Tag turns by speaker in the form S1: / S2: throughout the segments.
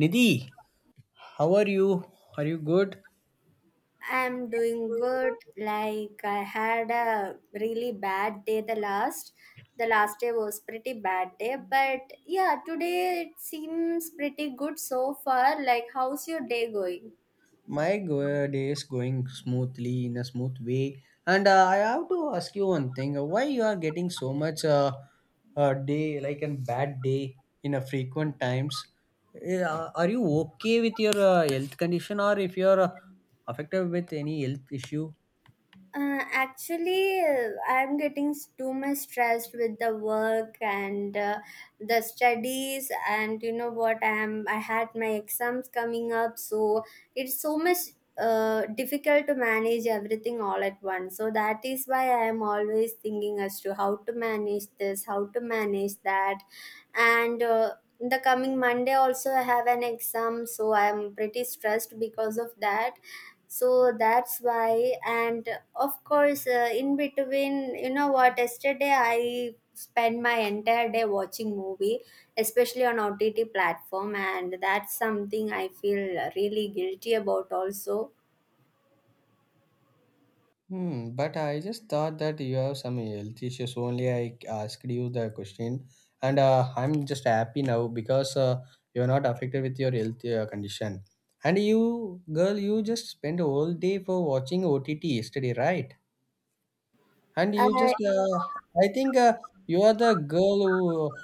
S1: Nidhi, how are you? Are you good?
S2: I'm doing good. Like I had a really bad day the last day was pretty bad day, but yeah, today it seems pretty good so far. Like how's your day going?
S1: my go- day is going smoothly in a smooth way, and I have to ask you one thing. Why you are getting so much day like a bad day in a frequent times? Yeah, are you okay with your health condition, or if you're affected with any health issue?
S2: Actually, I'm getting too much stressed with the work and the studies, and you know what? I had my exams coming up, so it's so much difficult to manage everything all at once. So that is why I am always thinking as to how to manage this, how to manage that. And The coming Monday also I have an exam, so I am pretty stressed because of that. So that's why, and of course, in between, you know what, yesterday I spend my entire day watching movie, especially on OTT platform, and that's something I feel really guilty about also.
S1: Hmm, but I just thought that you have some health issues. Only I asked you the question, and I'm just happy now because you're not affected with your health condition. And you, girl, you just spent a whole day for watching OTT yesterday, right? And you just,
S2: uh,
S1: I think you are the girl who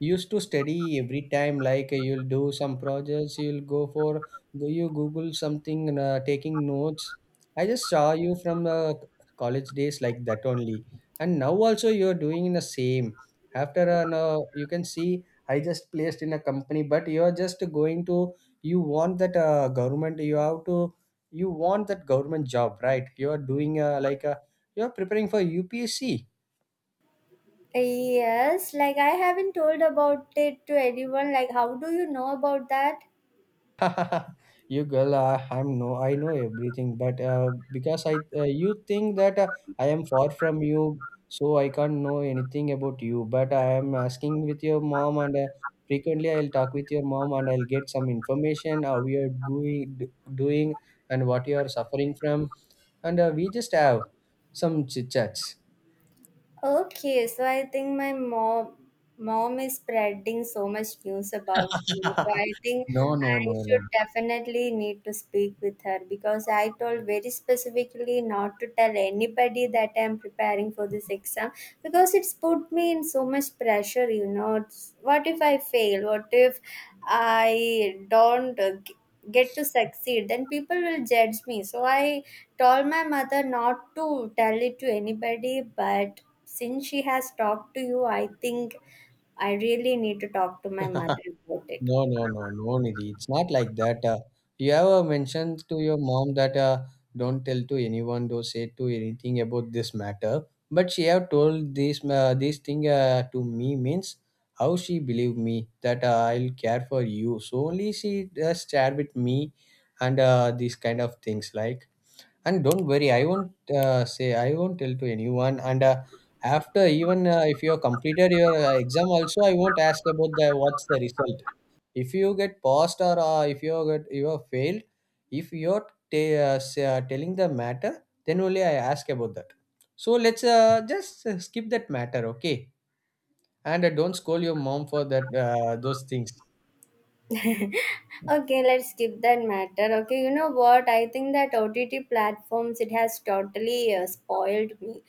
S1: used to study every time. Like you'll do some projects, you'll go for, go you Google something, and, taking notes. I just saw you from college days like that only. And now also you're doing the same. After no, you can see I just placed in a company, but you're just going to, you want that government, you have to, you want that government job, right? You're doing like a you're preparing for UPSC.
S2: yes, like I haven't told about it to anyone. Like how do you know about that?
S1: You girl, I'm no, I know everything, but because I, you think that I am far from you, so I can't know anything about you. But I am asking with your mom, and frequently I'll talk with your mom, and I'll get some information how you're doing, doing, and what you are suffering from, and we just have some chit chats.
S2: Okay, so I think my mom is spreading so much news about me. So I think
S1: No, no,
S2: I
S1: no, no.
S2: should definitely need to speak with her because I told very specifically not to tell anybody that I'm preparing for this exam, because it's put me in so much pressure, you know. It's— What if I fail? What if I don't get to succeed? Then people will judge me. So I told my mother not to tell it to anybody, but since she has talked to you, I think I really need to talk to my mother about it.
S1: No, no, no, no, Nidhi. It's not like that. You ever mentioned to your mom that don't tell to anyone, don't say to anything about this matter. But she have told this this thing to me means how she believe me that I'll care for you. So only she just share with me, and these kind of things like, and don't worry, I won't say, I won't tell to anyone. And after even if you have completed your exam also, I won't ask about the what's the result. If you get passed, or if you get you have failed, if you're telling the matter, then only I ask about that. So let's just skip that matter, okay? And don't scold your mom for that those things.
S2: Okay, let's skip that matter. Okay, you know what? I think that OTT platforms, it has totally spoiled me,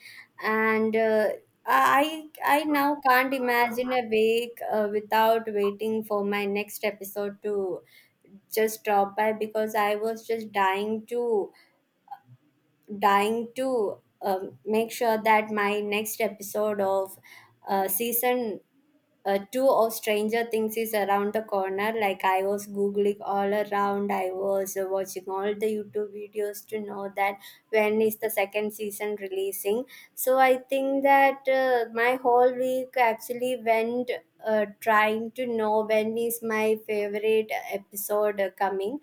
S2: and I now can't imagine a week without waiting for my next episode to just drop by, because I was just dying to make sure that my next episode of season two of Stranger Things is around the corner. Like I was googling all around, I was watching all the YouTube videos to know that when is the second season releasing. So I think that my whole week actually went trying to know when is my favorite episode coming.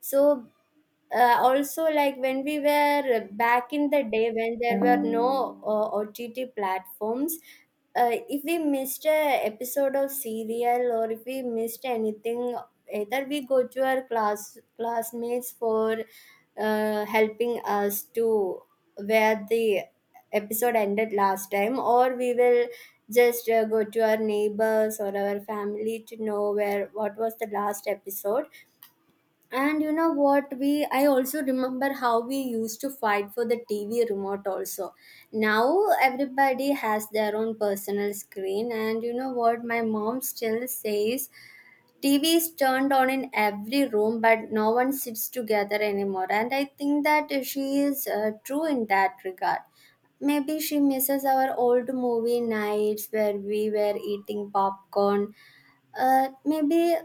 S2: So. Also, like when we were back in the day when there were no OTT platforms, if we missed a episode of serial or if we missed anything, either we go to our classmates for helping us to where the episode ended last time, or we will just go to our neighbors or our family to know where what was the last episode. And you know what? We I also remember how we used to fight for the TV remote also. Now everybody has their own personal screen, and you know what? My mom still says TV is turned on in every room, but no one sits together anymore. And I think that she is true in that regard. Maybe she misses our old movie nights where we were eating popcorn. Maybe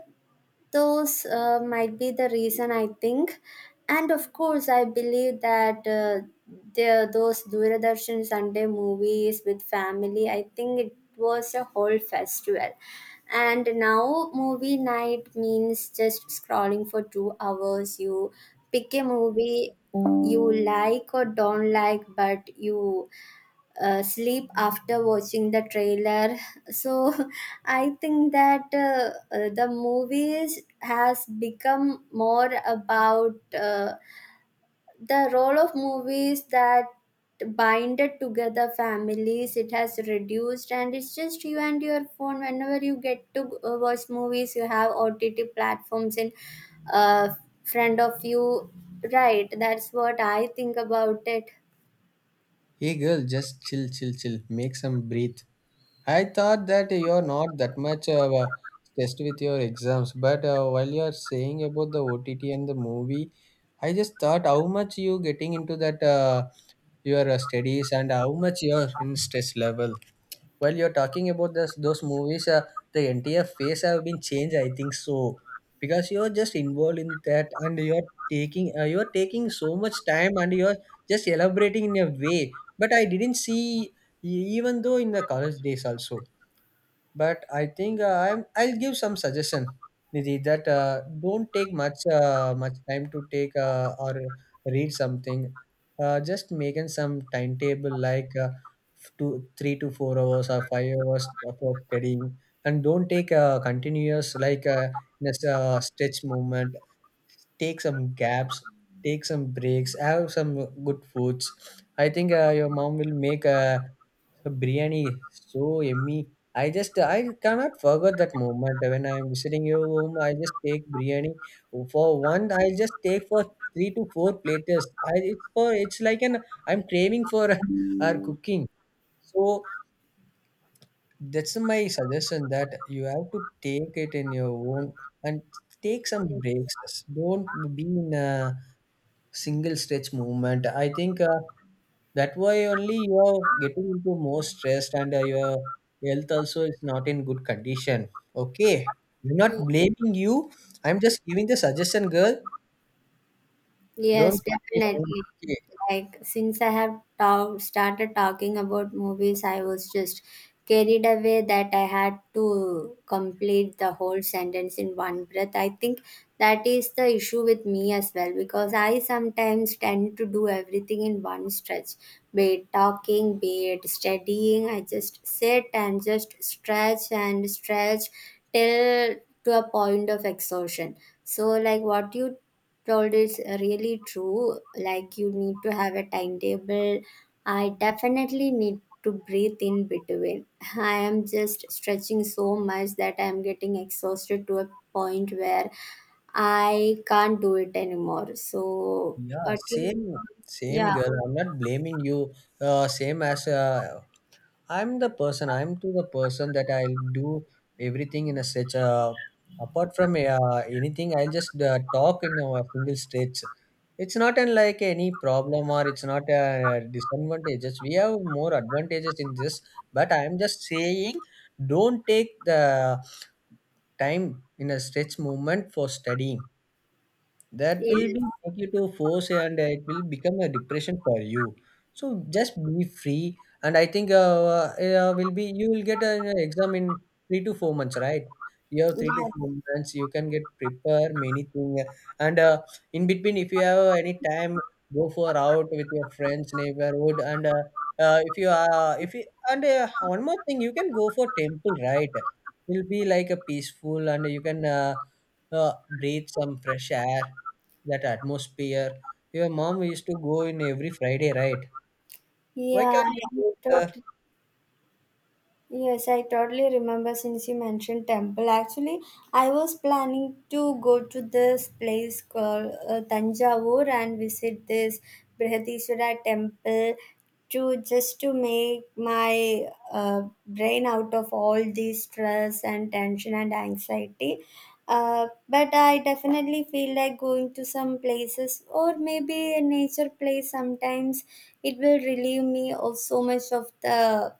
S2: those might be the reason, I think. And of course, I believe that those Doordarshan Sunday movies with family, I think it was a whole festival. And now movie night means just scrolling for 2 hours. You pick a movie you like or don't like, but you sleep after watching the trailer. So I think that the movies has become more about the role of movies that binded together families, it has reduced, and it's just you and your phone. Whenever you get to watch movies, you have OTT platforms in uh, front of you, right? That's what I think about it.
S1: Hey girl, just chill, chill, chill, make some breathe. I thought that you're not that much stressed with your exams, but while you're saying about the OTT and the movie, I just thought how much you getting into that your studies and how much you're in stress level. While you're talking about this, those movies, the entire face have been changed. I think so, because you're just involved in that and you're taking so much time and you're just elaborating in a way. But I didn't see even though in the college days also, but I think I'll give some suggestion, Nidhi, that don't take much much time to take or read something. Just making some timetable like two, three to four hours or five hours of studying, and don't take continuous like in a stretch movement. Take some gaps, take some breaks, have some good foods. I think your mom will make a the biryani is so yummy. I just I cannot forget that moment when I'm visiting your home. I just take biryani for one. I just take for three to four plates. I it's for it's like an I'm craving for our cooking. So that's my suggestion, that you have to take it in your own and take some breaks. Don't be in a single stretch movement, I think. That way only you are getting into more stressed, and your health also is not in good condition. Okay, I'm not blaming you, I'm just giving the suggestion, girl. Don't
S2: Yes,
S1: get angry.
S2: definitely.
S1: Okay.
S2: Like since I have started talking about movies, I was just carried away that I had to complete the whole sentence in one breath. I think that is the issue with me as well, because I sometimes tend to do everything in one stretch, be it talking, be it studying. I just sit and just stretch and stretch till to a point of exhaustion. So, like what you Proud is really true. Like you need to have a timetable. I definitely need to breathe in between. I am just stretching so much that I am getting exhausted to a point where I can't do it anymore. So,
S1: Yeah,
S2: but you,
S1: same, same
S2: yeah,
S1: girl i'm not blaming you. Same as I'm the person. I'm to the person that I'll do everything in a stretch. Apart from anything, I'll just talk in a single stretch. It's not an, like any problem, or it's not a disadvantages. We have more advantages in this, but I'm just saying, don't take the time in a stretch movement for studying. That will be
S2: yes,
S1: make you to force and it will become a depression for you. So just be free. And I think will be you will get an exam in three to four months, right? You have three to
S2: yeah,
S1: four months, you can get prepare many thing. And in between, if you have any time, go for out with your friends, neighborhood, and if you are if you, and one more thing, you can go for temple, right? It will be like a peaceful, and you can uh, breathe some fresh air, that atmosphere. Your mom used to go in every Friday, right?
S2: yeah,
S1: Why can't
S2: I
S1: you
S2: am
S1: go there?
S2: totally. Yes, I totally remember since you mentioned temple. Actually, I was planning to go to this place called Tanjavur and visit this Brihadiswara temple, to just to make my brain out of all the stress and tension and anxiety. But I definitely feel like going to some places or maybe a nature place sometimes it will relieve me of so much of the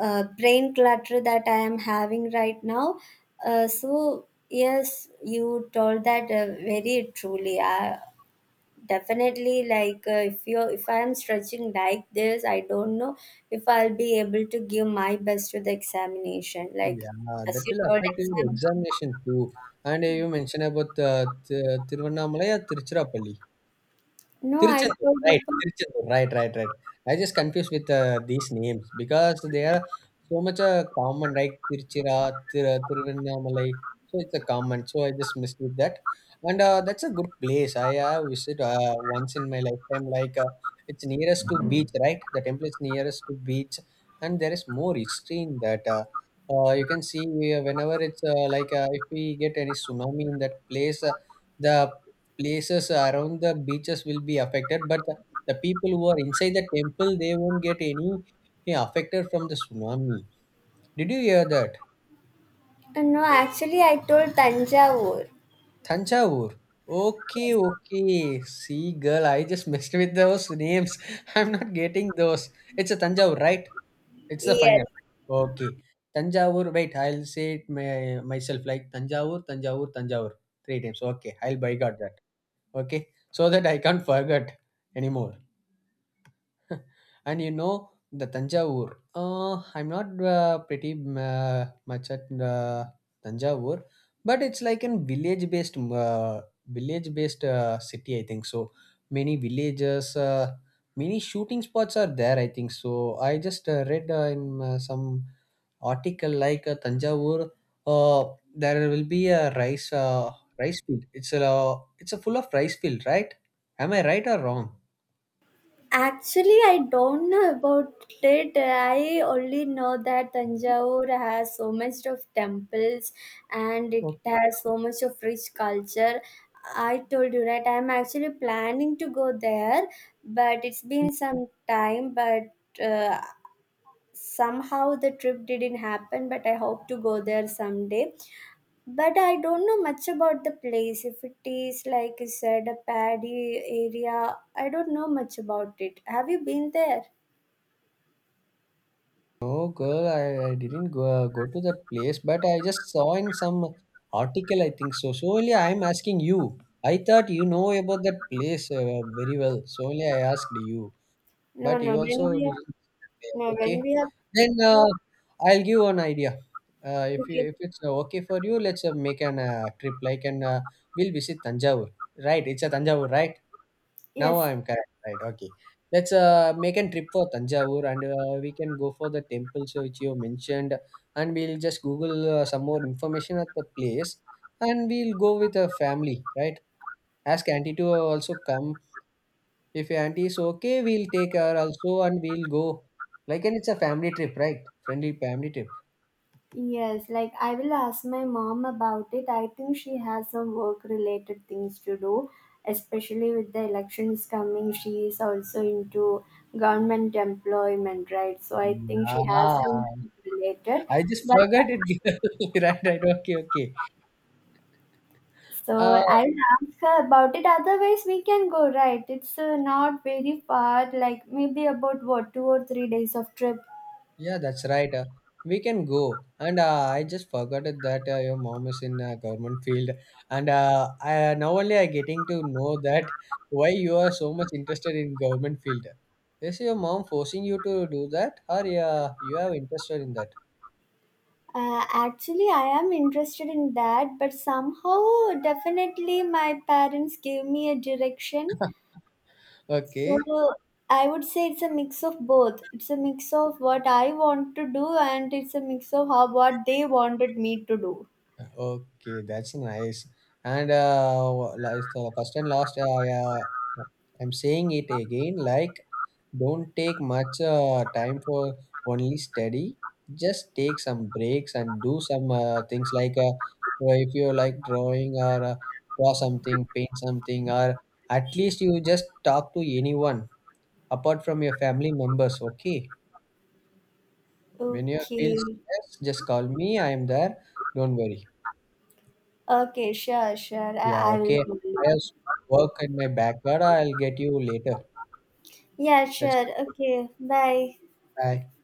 S2: brain clutter that I am having right now. So yes, you told that very truly. I definitely like if I am stretching like this, I don't know if I'll be able to give my best to the examination. Like
S1: Yeah,
S2: as
S1: that
S2: you
S1: will
S2: told,
S1: affect your
S2: exam.
S1: examination too. And you mentioned about Tiruvannamalai or Tiruchirappalli.
S2: No, I told about.
S1: Tiruchendur, right, right, right. I just confused with these names because they are so much common, like Tiruchira, Tiruvannamalai. So it's a common. So I just missed with that. And that's a good place. I visited once in my lifetime. Like it's nearest to beach, right? The temple is nearest to beach, and there is more history in that. You can see whenever it's like if we get any tsunami in that place, the places around the beaches will be affected, but the people who are inside the temple, they won't get any affected from the tsunami. Did you hear that?
S2: No, actually, I told Tanjavur.
S1: Thanjavur, okay, okay. See girl, I just messed with those names. I'm not getting those. It's a Thanjavur, right? It's the
S2: Yes.
S1: final. Okay, Tanjavur. Wait, I'll say it myself, like Tanjavur, Tanjavur, Tanjavur, three times. Okay, I'll boycott that. Okay, so that I can't forget anymore. And you know the Tanjavur. I'm not pretty much at Tanjavur, but it's like a village-based city, I think so. Many villages, many shooting spots are there, I think so. I just read in some article like Tanjavur. There will be a rice rice field. It's a full of rice field, right? Am I right or wrong?
S2: Actually, I don't know about it. I only know that Tanjore has so much of temples and it has so much of rich culture. I told you, right, I'm actually planning to go there, but it's been some time, but uh, somehow the trip didn't happen. But I hope to go there someday. But I don't know much about the place. If it is, like you said, a paddy area, I don't know much about it. Have you been there?
S1: No, girl, I didn't go, go to that place, but I just saw in some article, I think so. So only I'm asking you. I thought you know about that place very well. So only I asked you,
S2: No,
S1: but
S2: no.
S1: you also didn't.
S2: No, when
S1: Okay,
S2: we are,
S1: then I'll give one idea. If you
S2: okay.
S1: if it's okay for you, let's make an trip like, and we'll visit Tanjavur. Right, it's a Tanjavur, right? Now
S2: Yes,
S1: I'm correct, right? Okay. Let's make a trip for Tanjavur, and we can go for the temples which you mentioned, and we'll just Google some more information at the place, and we'll go with a family, right? Ask auntie to also come. If auntie is okay, we'll take her also and we'll go. Like, and it's a family trip, right? Friendly family trip.
S2: yes. Like I will ask my mom about it. I think she has some work-related things to do, especially with the elections coming. She is also into government employment, right? So I think she has
S1: Yeah.
S2: some related.
S1: I just
S2: But
S1: forgot it. Right, right. Okay, okay.
S2: so
S1: Uh,
S2: I'll ask her about it. Otherwise, we can go, right? It's not very far, like maybe about what, 2 or 3 days of trip.
S1: Yeah, that's right. We can go. And I just forgot that your mom is in government field. And I, now only I getting to know that why you are so much interested in government field. Is your mom forcing you to do that, or you have interested in that?
S2: Actually, I am interested in that, but somehow, definitely, my parents gave me a direction.
S1: Okay.
S2: So I would say it's a mix of both. It's a mix of what I want to do, and it's a mix of how what they wanted me to do.
S1: Okay, that's nice. And like so the first and last, yeah, I'm saying it again. Like, don't take much time for only study. Just take some breaks and do some things like well, if you like drawing, or draw something, paint something, or at least you just talk to anyone apart from your family members. Okay, when you feel
S2: Okay.
S1: stressed, just call me. I am there. Don't worry.
S2: Okay, sure, sure.
S1: Yeah,
S2: I will
S1: okay.
S2: follow.
S1: I have some work in my backyard. I'll get you later.
S2: Yeah,
S1: That's
S2: sure.
S1: good.
S2: Okay, bye.
S1: Bye.